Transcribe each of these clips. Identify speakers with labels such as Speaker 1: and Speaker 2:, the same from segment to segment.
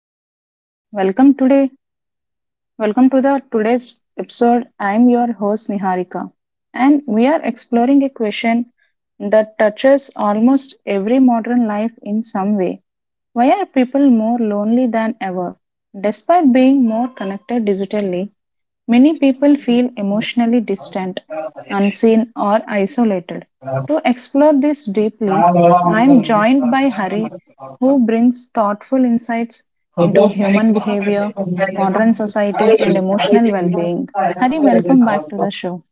Speaker 1: Hello everyone, welcome today. Welcome to the today's episode. I'm your host Niharika, and we are exploring a question that touches almost every modern life in some way. Why are people more lonely than ever? Despite being more connected digitally, many people feel emotionally distant, unseen, or isolated. To explore this deeply, I am joined by Hari, who brings thoughtful insights into human behavior, modern society, and emotional well being. Hari, welcome back to the show.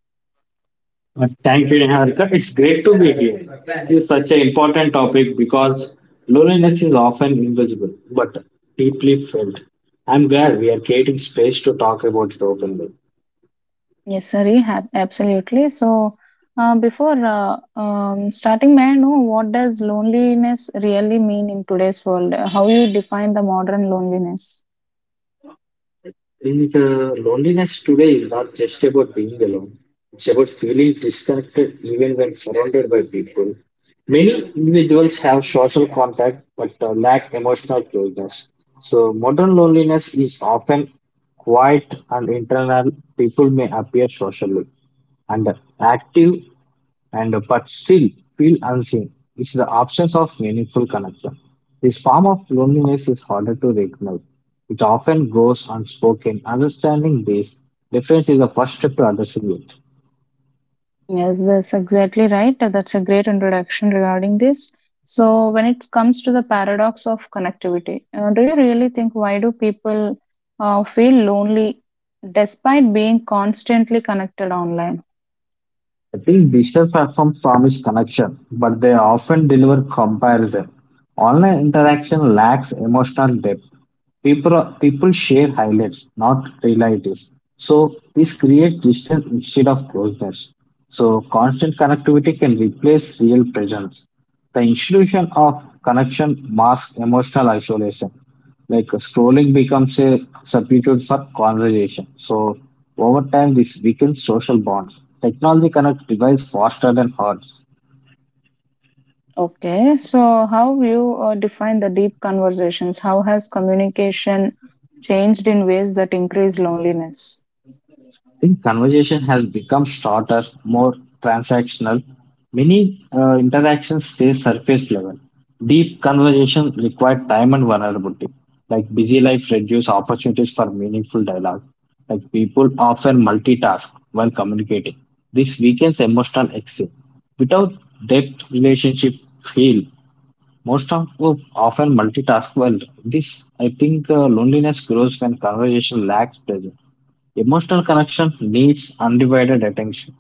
Speaker 2: Thank you, Niharika. It's great to be here. This is such an important topic because loneliness is often invisible but deeply felt. I'm glad we are creating space to talk about it openly.
Speaker 1: Yes, Hari, absolutely. So, before starting, may I know what does loneliness really mean in today's world? How you define the modern loneliness?
Speaker 2: And Loneliness today is not just about being alone, it's about feeling disconnected even when surrounded by people. Many individuals have social contact but lack emotional closeness. So, modern loneliness is often quiet and internal. People may appear socially and active, and but still feel unseen. It's the absence of meaningful connection. This form of loneliness is harder to recognize. It often goes unspoken. Understanding this difference is the first step to addressing it.
Speaker 1: Yes, that's exactly right. That's a great introduction regarding this. So, when it comes to the paradox of connectivity, do you really think why do people feel lonely despite being constantly connected online?
Speaker 2: I think digital platforms promise connection, but they often deliver comparison. Online interaction lacks emotional depth. People share highlights, not realities. So this creates distance instead of closeness. So constant connectivity can replace real presence. The institution of connection masks emotional isolation like scrolling becomes a substitute for conversation. So over time, this weakens social bonds. Technology connects devices faster than hearts.
Speaker 1: Okay, so how you define the deep conversations? How has communication changed in ways that increase loneliness?
Speaker 2: I think conversation has become shorter, more transactional. Many interactions stay surface level. Deep conversation require time and vulnerability. Like busy life reduce opportunities for meaningful dialogue. Like people often multitask while communicating. This weakens emotional exchange. Without depth, relationship fail. Often multitask well. This I think loneliness grows when conversation lacks presence. Emotional connection needs undivided attention.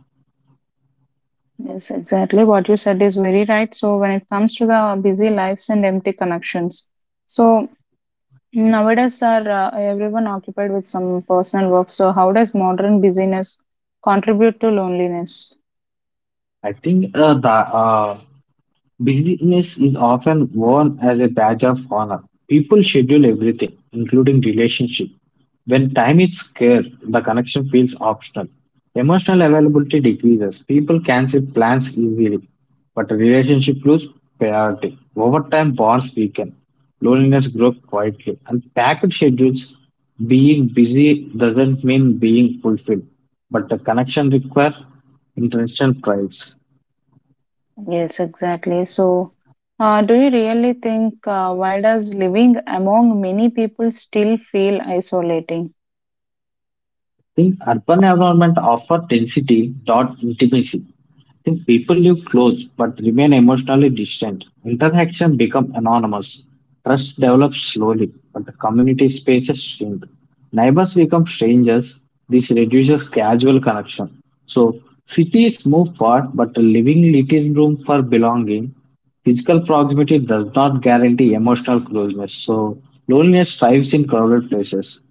Speaker 1: Yes, exactly what you said is very right. So when it comes to the busy lives and empty connections, so nowadays are everyone occupied with some personal work. So how does modern busyness contribute to loneliness?
Speaker 2: I think the Busyness is often worn as a badge of honor. People schedule everything, including relationships. When time is scarce, the connection feels optional. Emotional availability decreases. People cancel plans easily, but a relationship loses priority. Over time, bonds weaken. Loneliness grows quietly. And packed schedules, being busy doesn't mean being fulfilled, but the connection requires intentional prides.
Speaker 1: Yes, exactly. So do you really think why does living among many people still feel isolating?
Speaker 2: Think urban environment offer density, not intimacy. Think people live close but remain emotionally distant. Interaction become anonymous. Trust develops slowly, but the community spaces shrink. Neighbors become strangers. This reduces casual connection. So cities move far, but leaving little room for belonging. Physical proximity does not guarantee emotional closeness. So loneliness thrives in crowded places.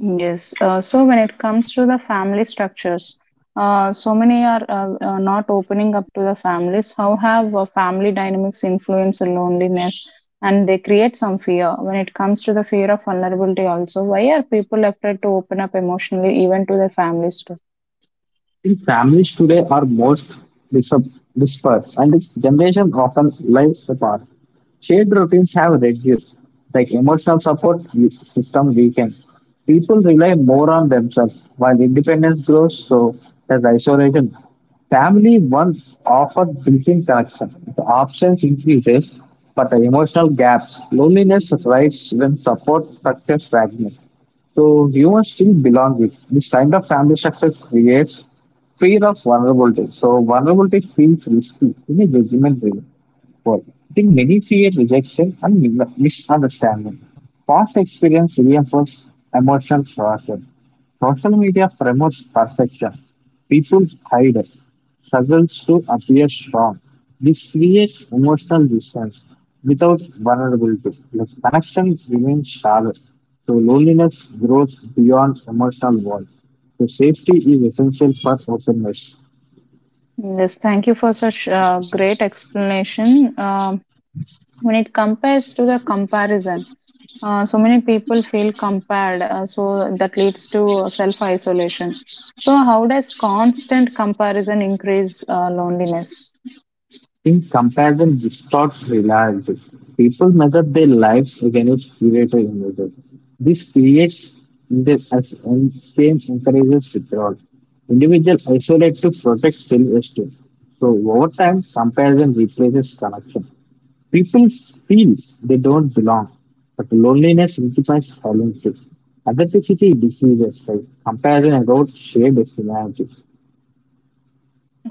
Speaker 1: Yes. So when it comes to the family structures, so many are not opening up to the families. How have family dynamics influence on loneliness? And they create some fear when it comes to the fear of vulnerability, also. Why are people afraid to open up emotionally, even to their families, too?
Speaker 2: The families today are most dis- dispersed, and generations often live apart. Shared routines have reduced, like emotional support system weakens. People rely more on themselves, while independence grows, so does isolation. Family once offered built-in connection. The absence increases, but the emotional gaps, loneliness rises when support structures fragment. So humans still belong with this kind of family structure creates fear of vulnerability. So vulnerability feels risky in a judgment way. Well, I think many fear rejection and misunderstanding. Past experience reinforces emotional coercion. Social media promotes perfection. People hide it, struggles to appear strong. This creates emotional distance without vulnerability. Like connection remains shallow, so loneliness grows beyond emotional walls. So safety is essential for openness.
Speaker 1: Yes, thank you for such great explanation. When it compares to the comparison, so many people feel compared, so that leads to self isolation. So, how does constant comparison increase loneliness?
Speaker 2: Think comparison distorts reality. People measure their lives against curated images. This creates injustice and same encourages withdrawal. Individuals isolate to protect self-esteem. So over time, comparison replaces connection. People feel they don't belong, but loneliness signifies silence. Authenticity decreases, like comparison erodes shared humanity.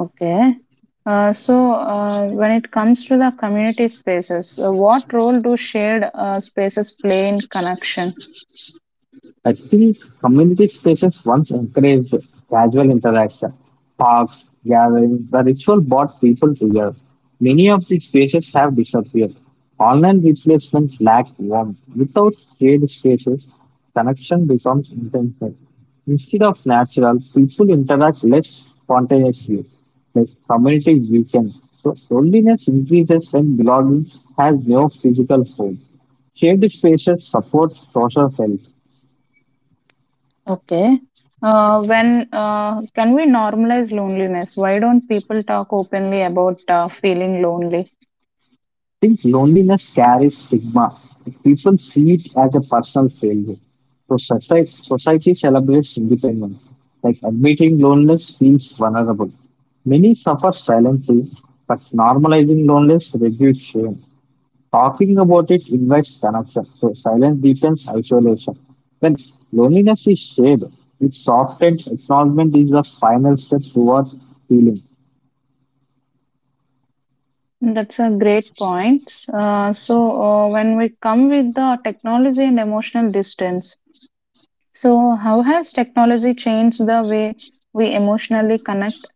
Speaker 1: Okay. So, when it comes to the community spaces, what role do shared spaces play in connection?
Speaker 2: I think community spaces once encouraged casual interaction. Parks, gatherings, the ritual brought people together. Many of these spaces have disappeared. Online replacements lack warmth. Without shared spaces, connection becomes intentional. Instead of natural, people interact less spontaneously, like community weekends. So loneliness increases when belonging has no physical home. Shared spaces support social health.
Speaker 1: Okay. When can we normalize loneliness? Why don't people talk openly about feeling lonely?
Speaker 2: Think loneliness carries stigma. People see it as a personal failure. So society celebrates independence. Like admitting loneliness feels vulnerable. Many suffer silently, but normalizing loneliness reduces shame. Talking about it invites connection. So silence deepens isolation. When loneliness is shared, it's softened. Acknowledgement is the final step towards healing.
Speaker 1: That's a great point. So, when we come with the technology and emotional distance, so how has technology changed the way we emotionally connect.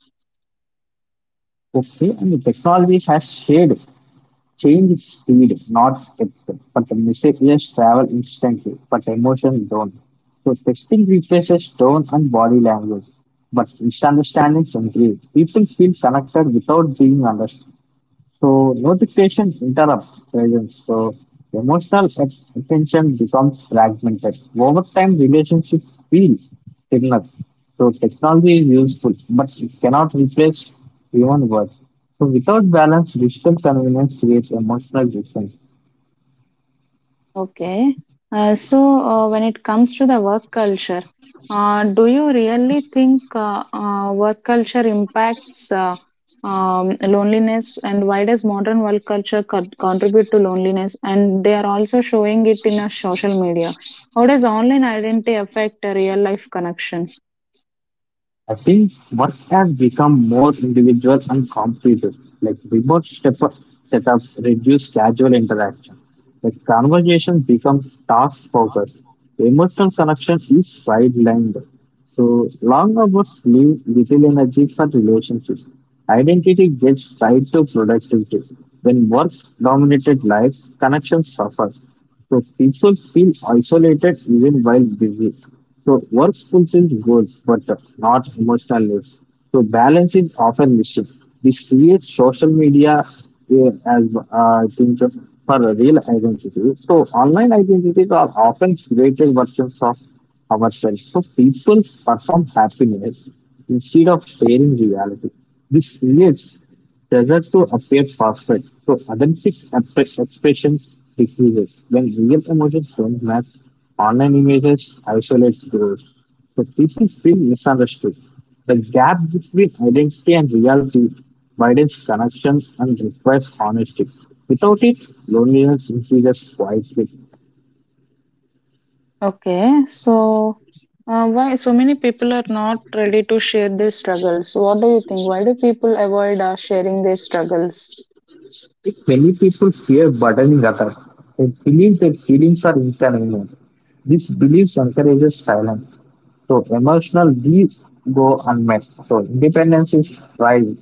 Speaker 2: Okay, and the technology has shared change is speed, not depth. But the messages travel instantly, but emotions don't. So texting replaces tone and body language, but misunderstandings increase. People feel connected without being understood. So notification interrupts presence. So emotional attention becomes fragmented. Over time, relationships feel signals. So technology is useful, but it cannot replace human work. So without balance, digital convenience creates emotional distance.
Speaker 1: Okay. So, when it comes to the work culture, do you really think work culture impacts loneliness? And why does modern work culture contribute to loneliness? And they are also showing it in a social media. How does online identity affect a real life connection?
Speaker 2: I think work has become more individual and competitive. Like remote step setups reduce casual interaction. Like conversation becomes task focused. The emotional connection is sidelined. So long hours leave little energy for relationships. Identity gets tied to productivity. When work dominated life, connections suffer. So people feel isolated even while busy. So work fulfills goals but not emotional lives. So balance is often missing. This creates social media uh, as I think for a real identity. So online identities are often created versions of ourselves. So people perform happiness instead of sharing reality. This creates pressure to appear perfect, so authentic expressions decreases when real emotions don't match online images, isolates growth, so people feel misunderstood. The gap between identity and reality widens. Connection and requires honesty. Without it, loneliness increases quietly.
Speaker 1: Okay. So, why so many people are not ready to share their struggles? What do you think? Why do people avoid sharing their struggles?
Speaker 2: I many people fear burdening others. They believe their feelings are inconvenient. This belief encourages silence. So emotional needs go unmet. So independence is pride.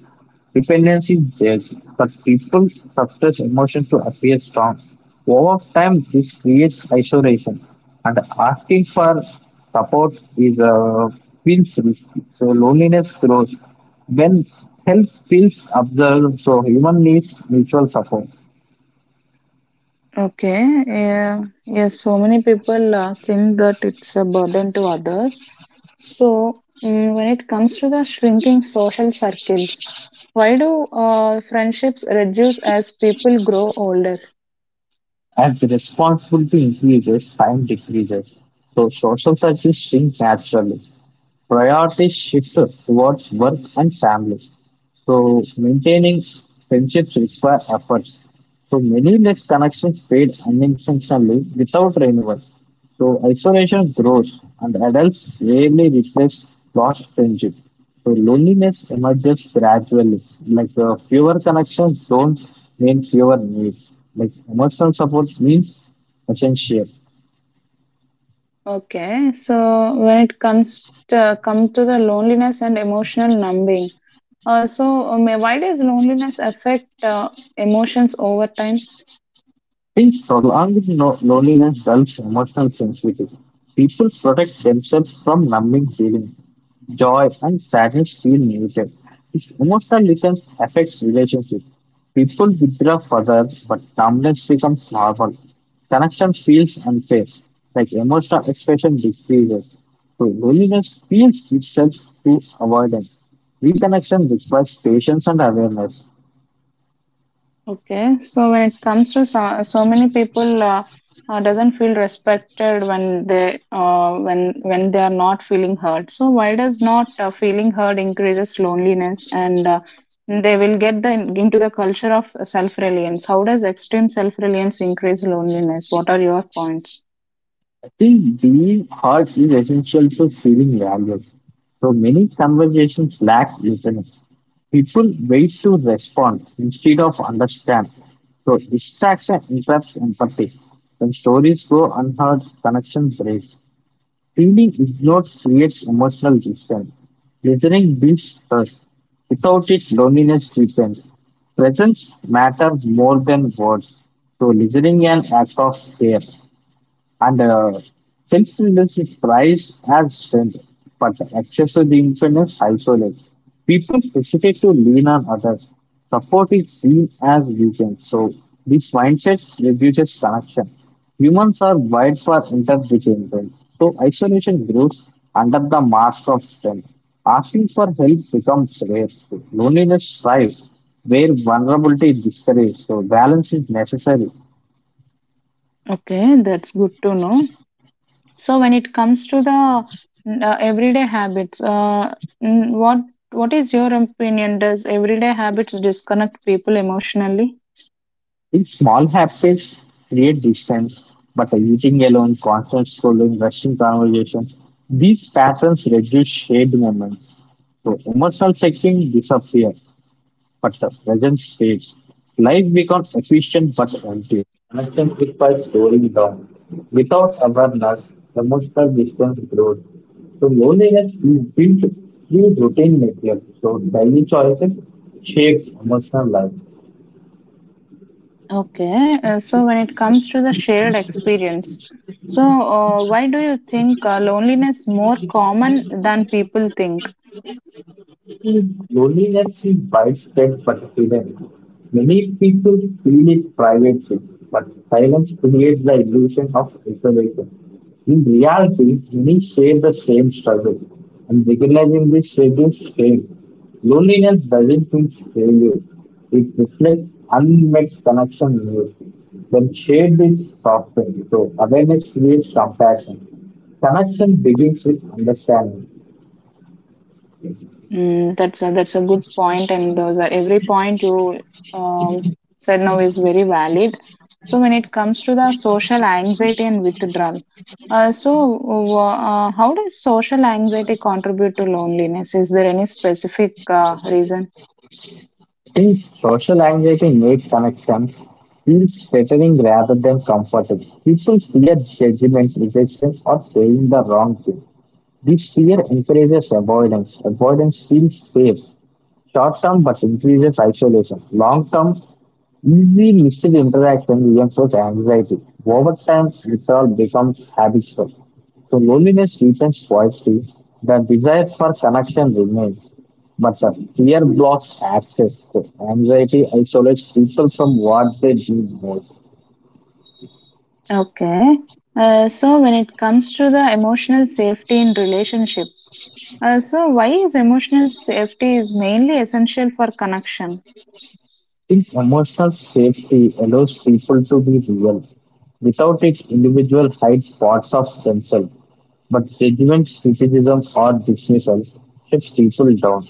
Speaker 2: Dependence is there, but people suppress emotions to appear strong. Over time, this creates isolation, and asking for support is feels risky. So loneliness grows when help feels observed. So human needs mutual support.
Speaker 1: Okay. Yeah. Yes. So many people think that it's a burden to others. So, when it comes to the shrinking social circles, why do friendships reduce as people grow older?
Speaker 2: As responsibility increases, time decreases. So social services shrink naturally. Priorities shift towards work and family. So maintaining friendships require efforts. So many net connections fade unintentionally without renewal. So isolation grows and adults rarely replace lost friendship. So loneliness emerges gradually. Like fewer connections don't mean fewer needs. Like emotional support means essential.
Speaker 1: Okay. So, when it comes to come to the loneliness and emotional numbing, why does loneliness affect emotions over time?
Speaker 2: In struggle with loneliness dulls emotional sensitivity. People protect themselves from numbing feelings. Joy and sadness feel muted. This emotional distance affects relationships. People withdraw further, but numbness becomes normal. Connection feels unfair, like emotional expression decreases. So loneliness feels itself through avoidance. Reconnection requires patience and awareness.
Speaker 1: Okay, so when it comes to so many people doesn't feel respected when they are not feeling heard. So why does not feeling heard increases loneliness and they will get the into the culture of self reliance? How does extreme self reliance increase loneliness? What are your points?
Speaker 2: I think being heard is essential for feeling valued. So many conversations lack listening. People wait to respond instead of understand. So distraction interrupts empathy. When stories go unheard, connection breaks. Feeling ignored creates emotional distance. Listening builds trust. Without it, loneliness deepens. Presence matters more than words. So listening an act of care. And Self-reliance is prized as strength, but excessive influence isolates. People hesitate to lean on others. Support is seen as weakness. So this mindset reduces connection. Humans are wired for interdependence. So isolation grows under the mask of strength. Asking for help becomes rare. Loneliness thrives where vulnerability is discouraged. So balance is necessary.
Speaker 1: Okay, that's good to know. So when it comes to the everyday habits, mm, what what is your opinion? Does everyday habits disconnect people emotionally?
Speaker 2: These small habits create distance, but eating alone, constant scrolling, rushing conversations, these patterns reduce shared moments. So emotional checking disappears, but the presence stays. Life becomes efficient but empty. Connection is by slowing down. Without awareness, emotional distance grows. So loneliness is built through routine material. So daily choices shape emotional life.
Speaker 1: Okay. So when it comes to the shared experience, so why do you think loneliness more common than people think?
Speaker 2: Loneliness is widespread but hidden. Many people feel it privately, but silence creates the illusion of isolation. In reality, many share the same struggle, and recognizing this reduces shame. Loneliness doesn't mean failure, it reflects unmet connection needs. When shared with softens, so awareness creates compassion. Connection begins with understanding.
Speaker 1: That's a good point, and those are every point you um, said now is very valid. So when it comes to the social anxiety and withdrawal, so how does social anxiety contribute to loneliness? Is there any specific reason?
Speaker 2: Think social anxiety makes connections feels threatening rather than comfortable. People fear judgment, rejection, or saying the wrong thing. This fear encourages avoidance. Avoidance feels safe short term but increases isolation. Long term, easy listed interaction reinforce anxiety. Over time, withdrawal becomes habitual. So loneliness returns quietly. The desire for connection remains, but the fear blocks access. So anxiety isolates people from what they need most.
Speaker 1: Okay. So when it comes to the emotional safety in relationships, so why is emotional safety is mainly essential for connection?
Speaker 2: Think emotional safety allows people to be real. Without it, individuals hide parts of themselves. But judgment, criticism, or dismissal keeps people down.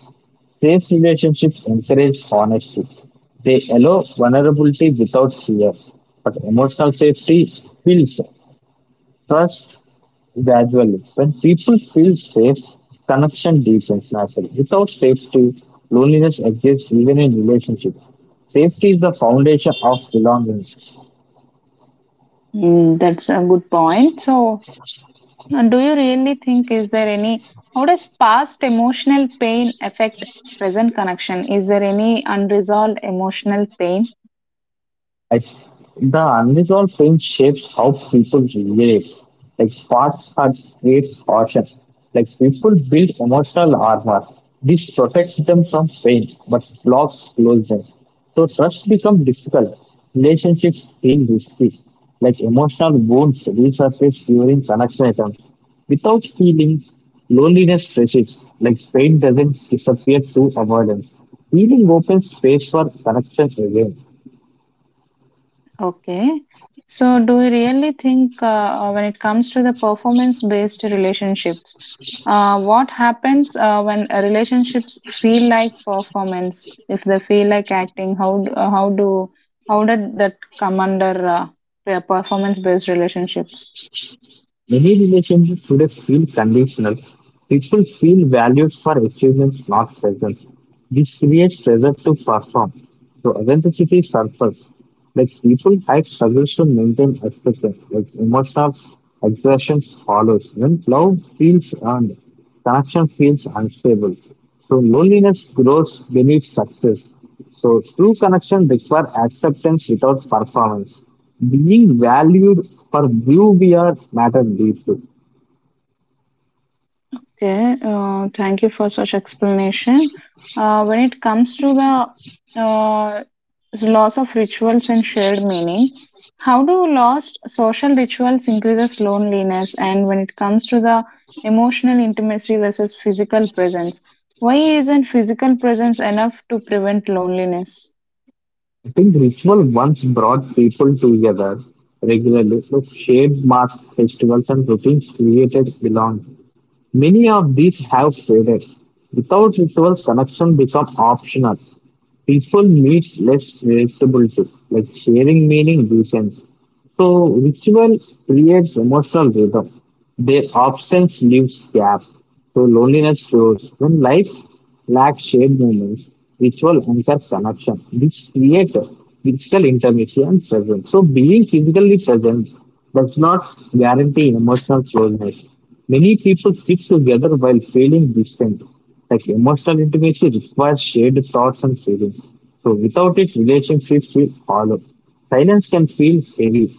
Speaker 2: Safe relationships encourage honesty. They allow vulnerability without fear. But emotional safety builds trust gradually. When people feel safe, connection deepens naturally. Without safety, loneliness exists even in relationships. Safety is the foundation of belonging.
Speaker 1: Mm, that's a good point. So, and do you really think is there any how does past emotional pain affect present connection? Is there any unresolved emotional pain?
Speaker 2: I the unusual pain shapes how people relate. Like parts are creates caution. Like people build emotional armor. This protects them from pain, but blocks closeness. So trust becomes difficult. Relationships feel risky. Like emotional wounds resurface during connection attempts. Without healing, loneliness persists. Like pain doesn't disappear through avoidance. Healing opens space for connection again.
Speaker 1: Okay. So do you really think when it comes to the performance based relationships, what happens when relationships feel like performance, if they feel like acting, how d- how do how did that come under performance based relationships?
Speaker 2: Many relationships today feel conditional. People feel valued for achievements, not presence. This creates pressure to perform. So authenticity surfaces. Like people hide struggles to maintain expression. Like emotional exhaustion follows. When love feels earned, connection feels unstable. So loneliness grows beneath success. So true connection requires acceptance without performance. Being valued for who we are matters deeply.
Speaker 1: Okay, thank you for such explanation. When it comes to the loss of rituals and shared meaning, how do lost social rituals increases loneliness? And when it comes to the emotional intimacy versus physical presence, why isn't physical presence enough to prevent loneliness?
Speaker 2: I think ritual once brought people together regularly, so shaped mass festivals and routines created belonging. Many of these have faded. Without rituals, connection become optional. People need less responsibility, like sharing meaning reasons. So ritual creates emotional rhythm. Their absence leaves gap. So loneliness grows. When life lacks shared moments, ritual anchors connection. This creates physical intimacy and presence. So being physically present does not guarantee emotional closeness. Many people stick together while feeling distant. Like emotional intimacy requires shared thoughts and feelings. So without it, relationships feel hollow. Silence can feel heavy,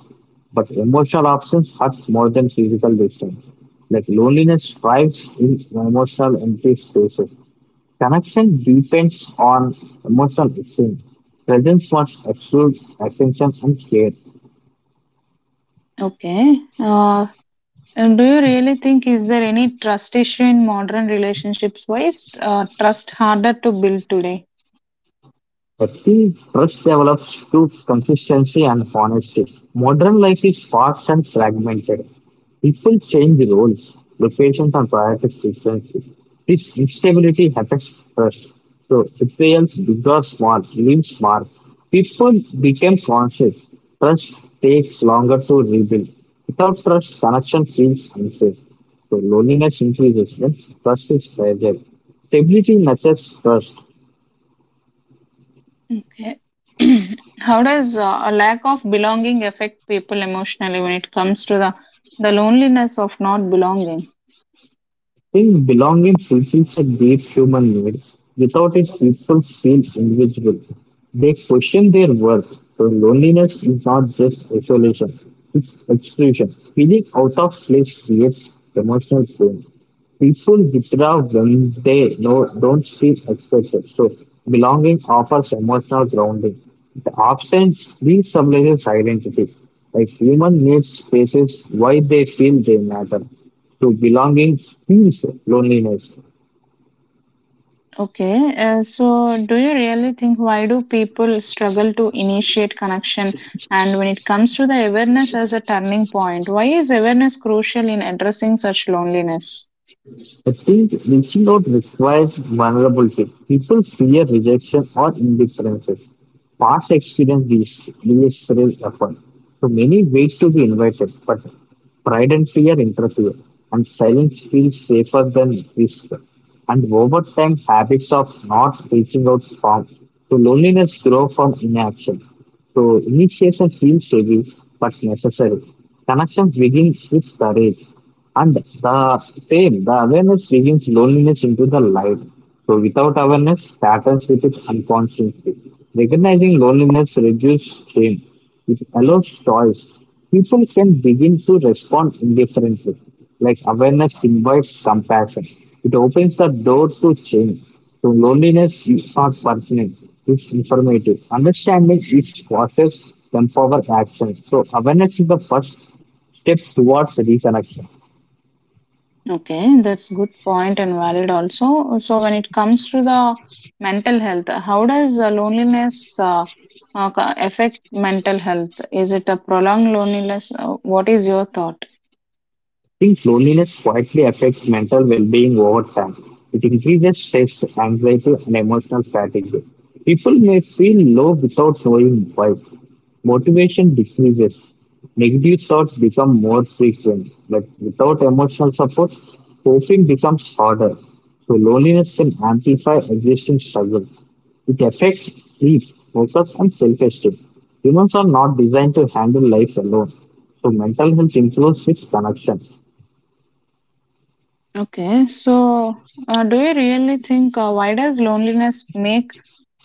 Speaker 2: but emotional absence hurts more than physical distance. Like loneliness thrives in emotional empty spaces. Connection depends on emotional exchange. Presence must exclude attention and care.
Speaker 1: Okay, and do you really think is there any trust issue in modern relationships? Why is trust harder to build today?
Speaker 2: The key trust develops through consistency and honesty. Modern life is fast and fragmented. People change roles, locations, and priorities frequently. This instability affects trust. So, it fails big or small, leaves mark. People become conscious. Trust takes longer to rebuild. Without trust, connection feels unsafe. So, loneliness increases when trust is fragile. Stability nurtures trust.
Speaker 1: Okay. How does a lack of belonging affect people emotionally when it comes to the loneliness of not belonging?
Speaker 2: Think belonging fulfills a deep human need. Without it, people feel invisible. They question their worth. So loneliness is not just isolation, it's exclusion. Feeling out of place creates emotional pain. People without them, they no, don't feel accepted. So belonging offers emotional grounding. It often re-summarizes identity. Like human needs spaces why they feel they matter. To belonging feels loneliness.
Speaker 1: Okay. So do you really think why do people struggle to initiate connection, and when it comes to the awareness as a turning point, why is awareness crucial in addressing such loneliness?
Speaker 2: I think reaching out requires vulnerability. People fear rejection or indifference. Past experience leads to real effort. So many ways to be invited, but pride and fear interfere, and silence feels safer than risk. And over time, habits of not reaching out form. So loneliness grows from inaction. So initiation feels heavy but necessary. Connections begin with courage. And the same, the awareness brings loneliness into the light. So without awareness, patterns repeat unconsciously. Recognizing loneliness reduces shame. It allows choice. People can begin to respond indifferently. Like awareness invites compassion. It opens the door to change. So loneliness is not permanent. It's informative. Understanding its causes empower action. So awareness is the first step towards reconnection.
Speaker 1: Okay, that's good point and valid also. So when it comes to the mental health, how does loneliness affect mental health? Is it a prolonged loneliness? What is your thought?
Speaker 2: I think loneliness quietly affects mental well-being over time. It increases stress, anxiety, and emotional fatigue. People may feel low without knowing why. Motivation decreases. Negative thoughts become more frequent. But without emotional support, coping becomes harder. So loneliness can amplify existing struggles. It affects sleep, focus, and self-esteem. Humans are not designed to handle life alone. So mental health improves with connection.
Speaker 1: Okay, so do you really think why does loneliness make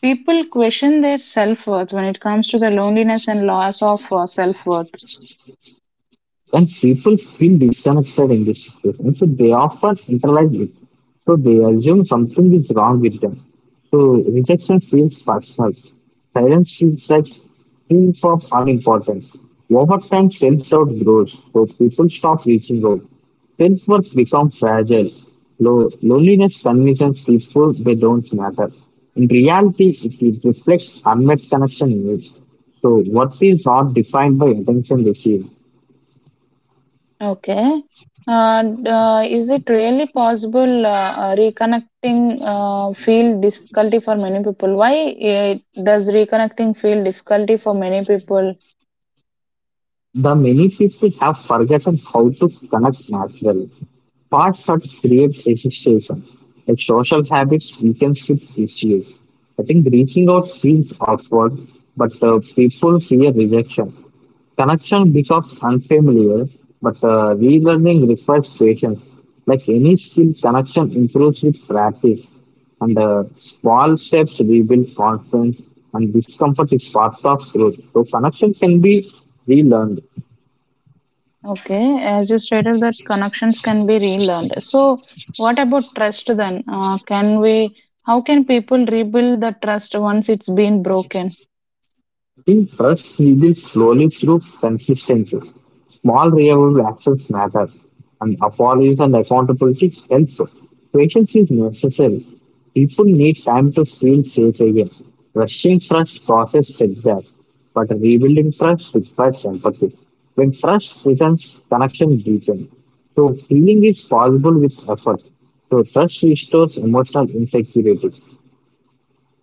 Speaker 1: people question their self-worth when it comes to the loneliness and loss of self-worth?
Speaker 2: And people feel disconnected in this situation. So they often internalize it. So they assume something is wrong with them. So rejection feels personal. Silence feels like feels of unimportance. Over time, self-doubt grows, so people stop reaching out. Self-worth becomes fragile. Low, loneliness convinces people they don't matter. In reality, it reflects unmet connection needs. So, what is not defined by attention received.
Speaker 1: Okay. And, is it really possible reconnecting feel difficulty for many people? Why it does reconnecting feel difficulty for many people?
Speaker 2: The many people have forgotten how to connect naturally. Parts that creates hesitation, like social habits weakens with issues. I think reaching out feels awkward, but people fear rejection. Connection becomes unfamiliar, but relearning requires patience. Like any skill, connection improves with practice, and small steps rebuild confidence, and discomfort is part of growth. So, connection can be relearned.
Speaker 1: Okay, as you stated that connections can be relearned. So, what about trust then? Can we? How can people rebuild the trust once it's been broken?
Speaker 2: In trust, we build slowly through consistency. Small reliable actions matter, and apologies and accountability helps. Patience is necessary. People need time to feel safe again. Rushing trust causes setbacks, but rebuilding trust requires empathy. When trust returns, connection deepens. So healing is possible with effort. So trust restores emotional insecurity.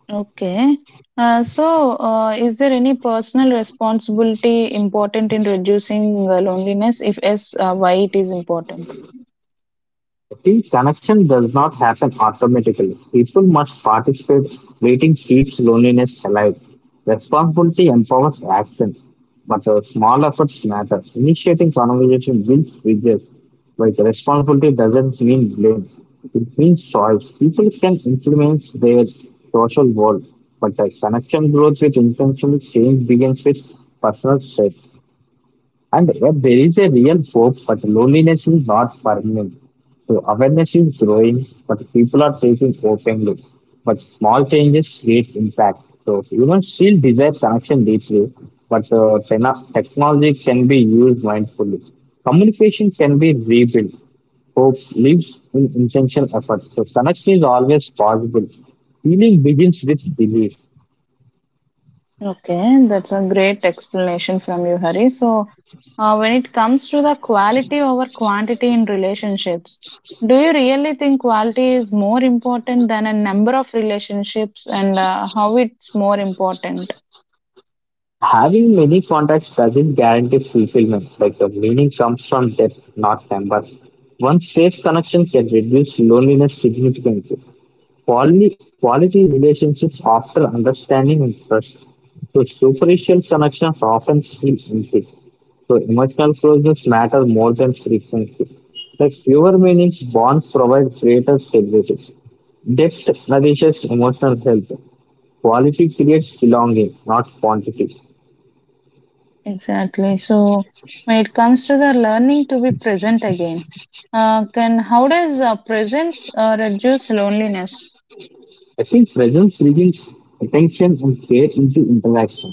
Speaker 1: Okay. So, is there any personal responsibility important in reducing loneliness? If yes, why it is important?
Speaker 2: I think connection does not happen automatically. People must participate. Waiting keeps loneliness alive. Responsibility empowers action, but small efforts matter. Initiating conversation builds bridges. Like responsibility doesn't mean blame; it means choice. People can influence their social world, but connection grows with intentional change begins with personal strength. And there is a real hope, but loneliness is not permanent. So awareness is growing, but people are taking openly. But small changes create impact. So humans still desire connection deeply, but technology can be used mindfully. Communication can be rebuilt. Hope lives in intentional effort. So connection is always possible. Healing begins with belief.
Speaker 1: Okay, that's a great explanation from you, Hari. So, when it comes to the quality over quantity in relationships, do you really think quality is more important than a number of relationships, and how it's more important?
Speaker 2: Having many contacts doesn't guarantee fulfillment. Like the meaning comes from depth, not number. One safe connection can reduce loneliness significantly. Quality relationships after understanding and trust. So superficial connections often feel empty. So emotional closeness matter more than frequency. Like fewer meanings, bonds provide greater stability. Depth nourishes emotional health. Quality creates belonging, not quantity.
Speaker 1: Exactly. So when it comes to the learning to be present again, can how does presence reduce loneliness?
Speaker 2: I think presence reveals attention and care into interaction.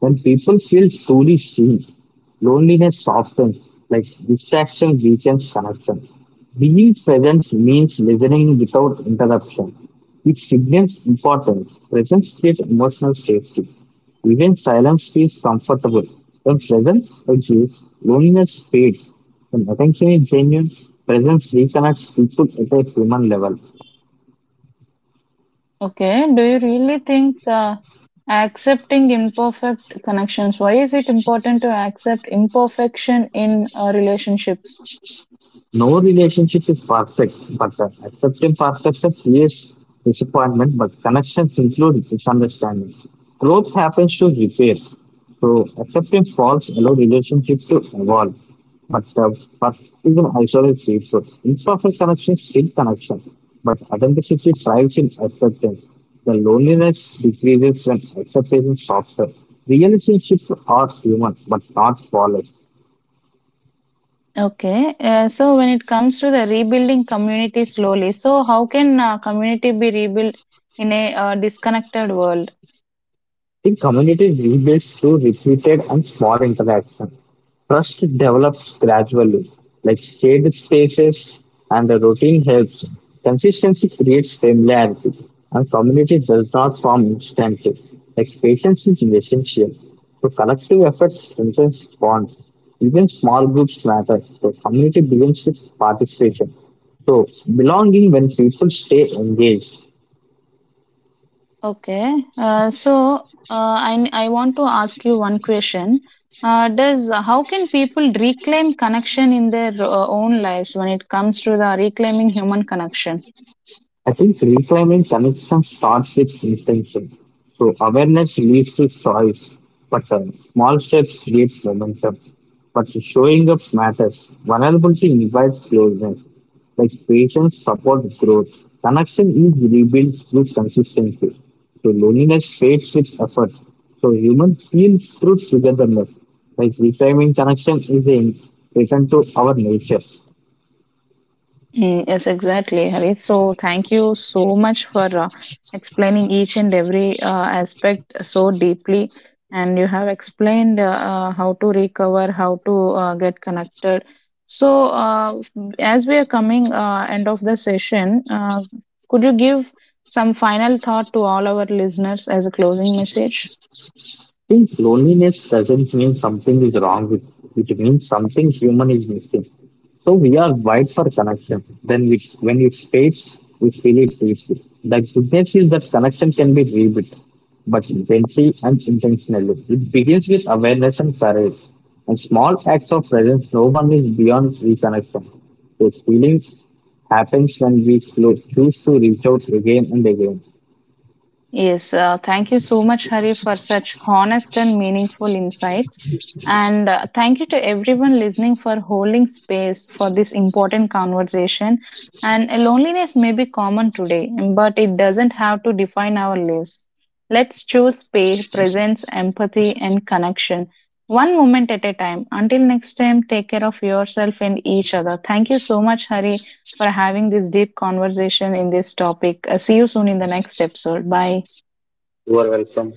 Speaker 2: When people feel truly seen, loneliness softens, like distraction weakens connection. Being present means listening without interruption, which signals importance. Presence creates emotional safety. Even silence feels comfortable. When presence exists, loneliness fades. When attention is genuine, presence reconnects people at a human level.
Speaker 1: Okay. Do you really think accepting imperfect connections? Why is it important to accept imperfection in relationships?
Speaker 2: No relationship is perfect, but accepting perfection creates disappointment, but connections include misunderstanding. Growth happens to repair. So accepting faults allow relationships to evolve. But perfection isolates people. Imperfect connection is still connection, but authenticity thrives in acceptance. The loneliness decreases when acceptance is softer. Relationships are human, but not flawless.
Speaker 1: Okay. So when it comes to the rebuilding community slowly, so how can community be rebuilt in a disconnected world?
Speaker 2: The community rebuilds through repeated and small interaction. Trust develops gradually, like shared spaces and the routine helps. Consistency creates familiarity, and community does not form instantly. Like patience is essential. So collective effort strengthens bonds. Even small groups matter. So community begins with participation. So belonging when people stay engaged.
Speaker 1: Okay. So, I want to ask you one question. Does how can people reclaim connection in their own lives when it comes to the reclaiming human connection?
Speaker 2: I think reclaiming connection starts with intention. So awareness leads to choice, but small steps create momentum. But showing up matters. Vulnerability invites closeness. Like patience supports growth. Connection is rebuilt through consistency. So loneliness fades with effort. So humans feel through togetherness. Like reclaiming connection is a return to our nature.
Speaker 1: Mm, yes, exactly, Hari. So, thank you so much for explaining each and every aspect so deeply. And you have explained how to recover, how to get connected. So, as we are coming end of the session, could you give some final thought to all our listeners as a closing message?
Speaker 2: Think loneliness doesn't mean something is wrong with you. It means something human is missing. So we are wide for connection. Then we, when it fades, we feel it deeply. The goodness is that connection can be rebuilt, but gently and intentionally. It begins with awareness and courage. And small acts of presence, no one is beyond reconnection. Those feelings happens when we choose to reach out again and again.
Speaker 1: Yes, thank you so much, Hari, for such honest and meaningful insights. And thank you to everyone listening for holding space for this important conversation. And loneliness may be common today, but it doesn't have to define our lives. Let's choose pay, presence, empathy, and connection. One moment at a time. Until next time, take care of yourself and each other. Thank you so much, Hari, for having this deep conversation in this topic. See you soon in the next episode. Bye.
Speaker 2: You are welcome.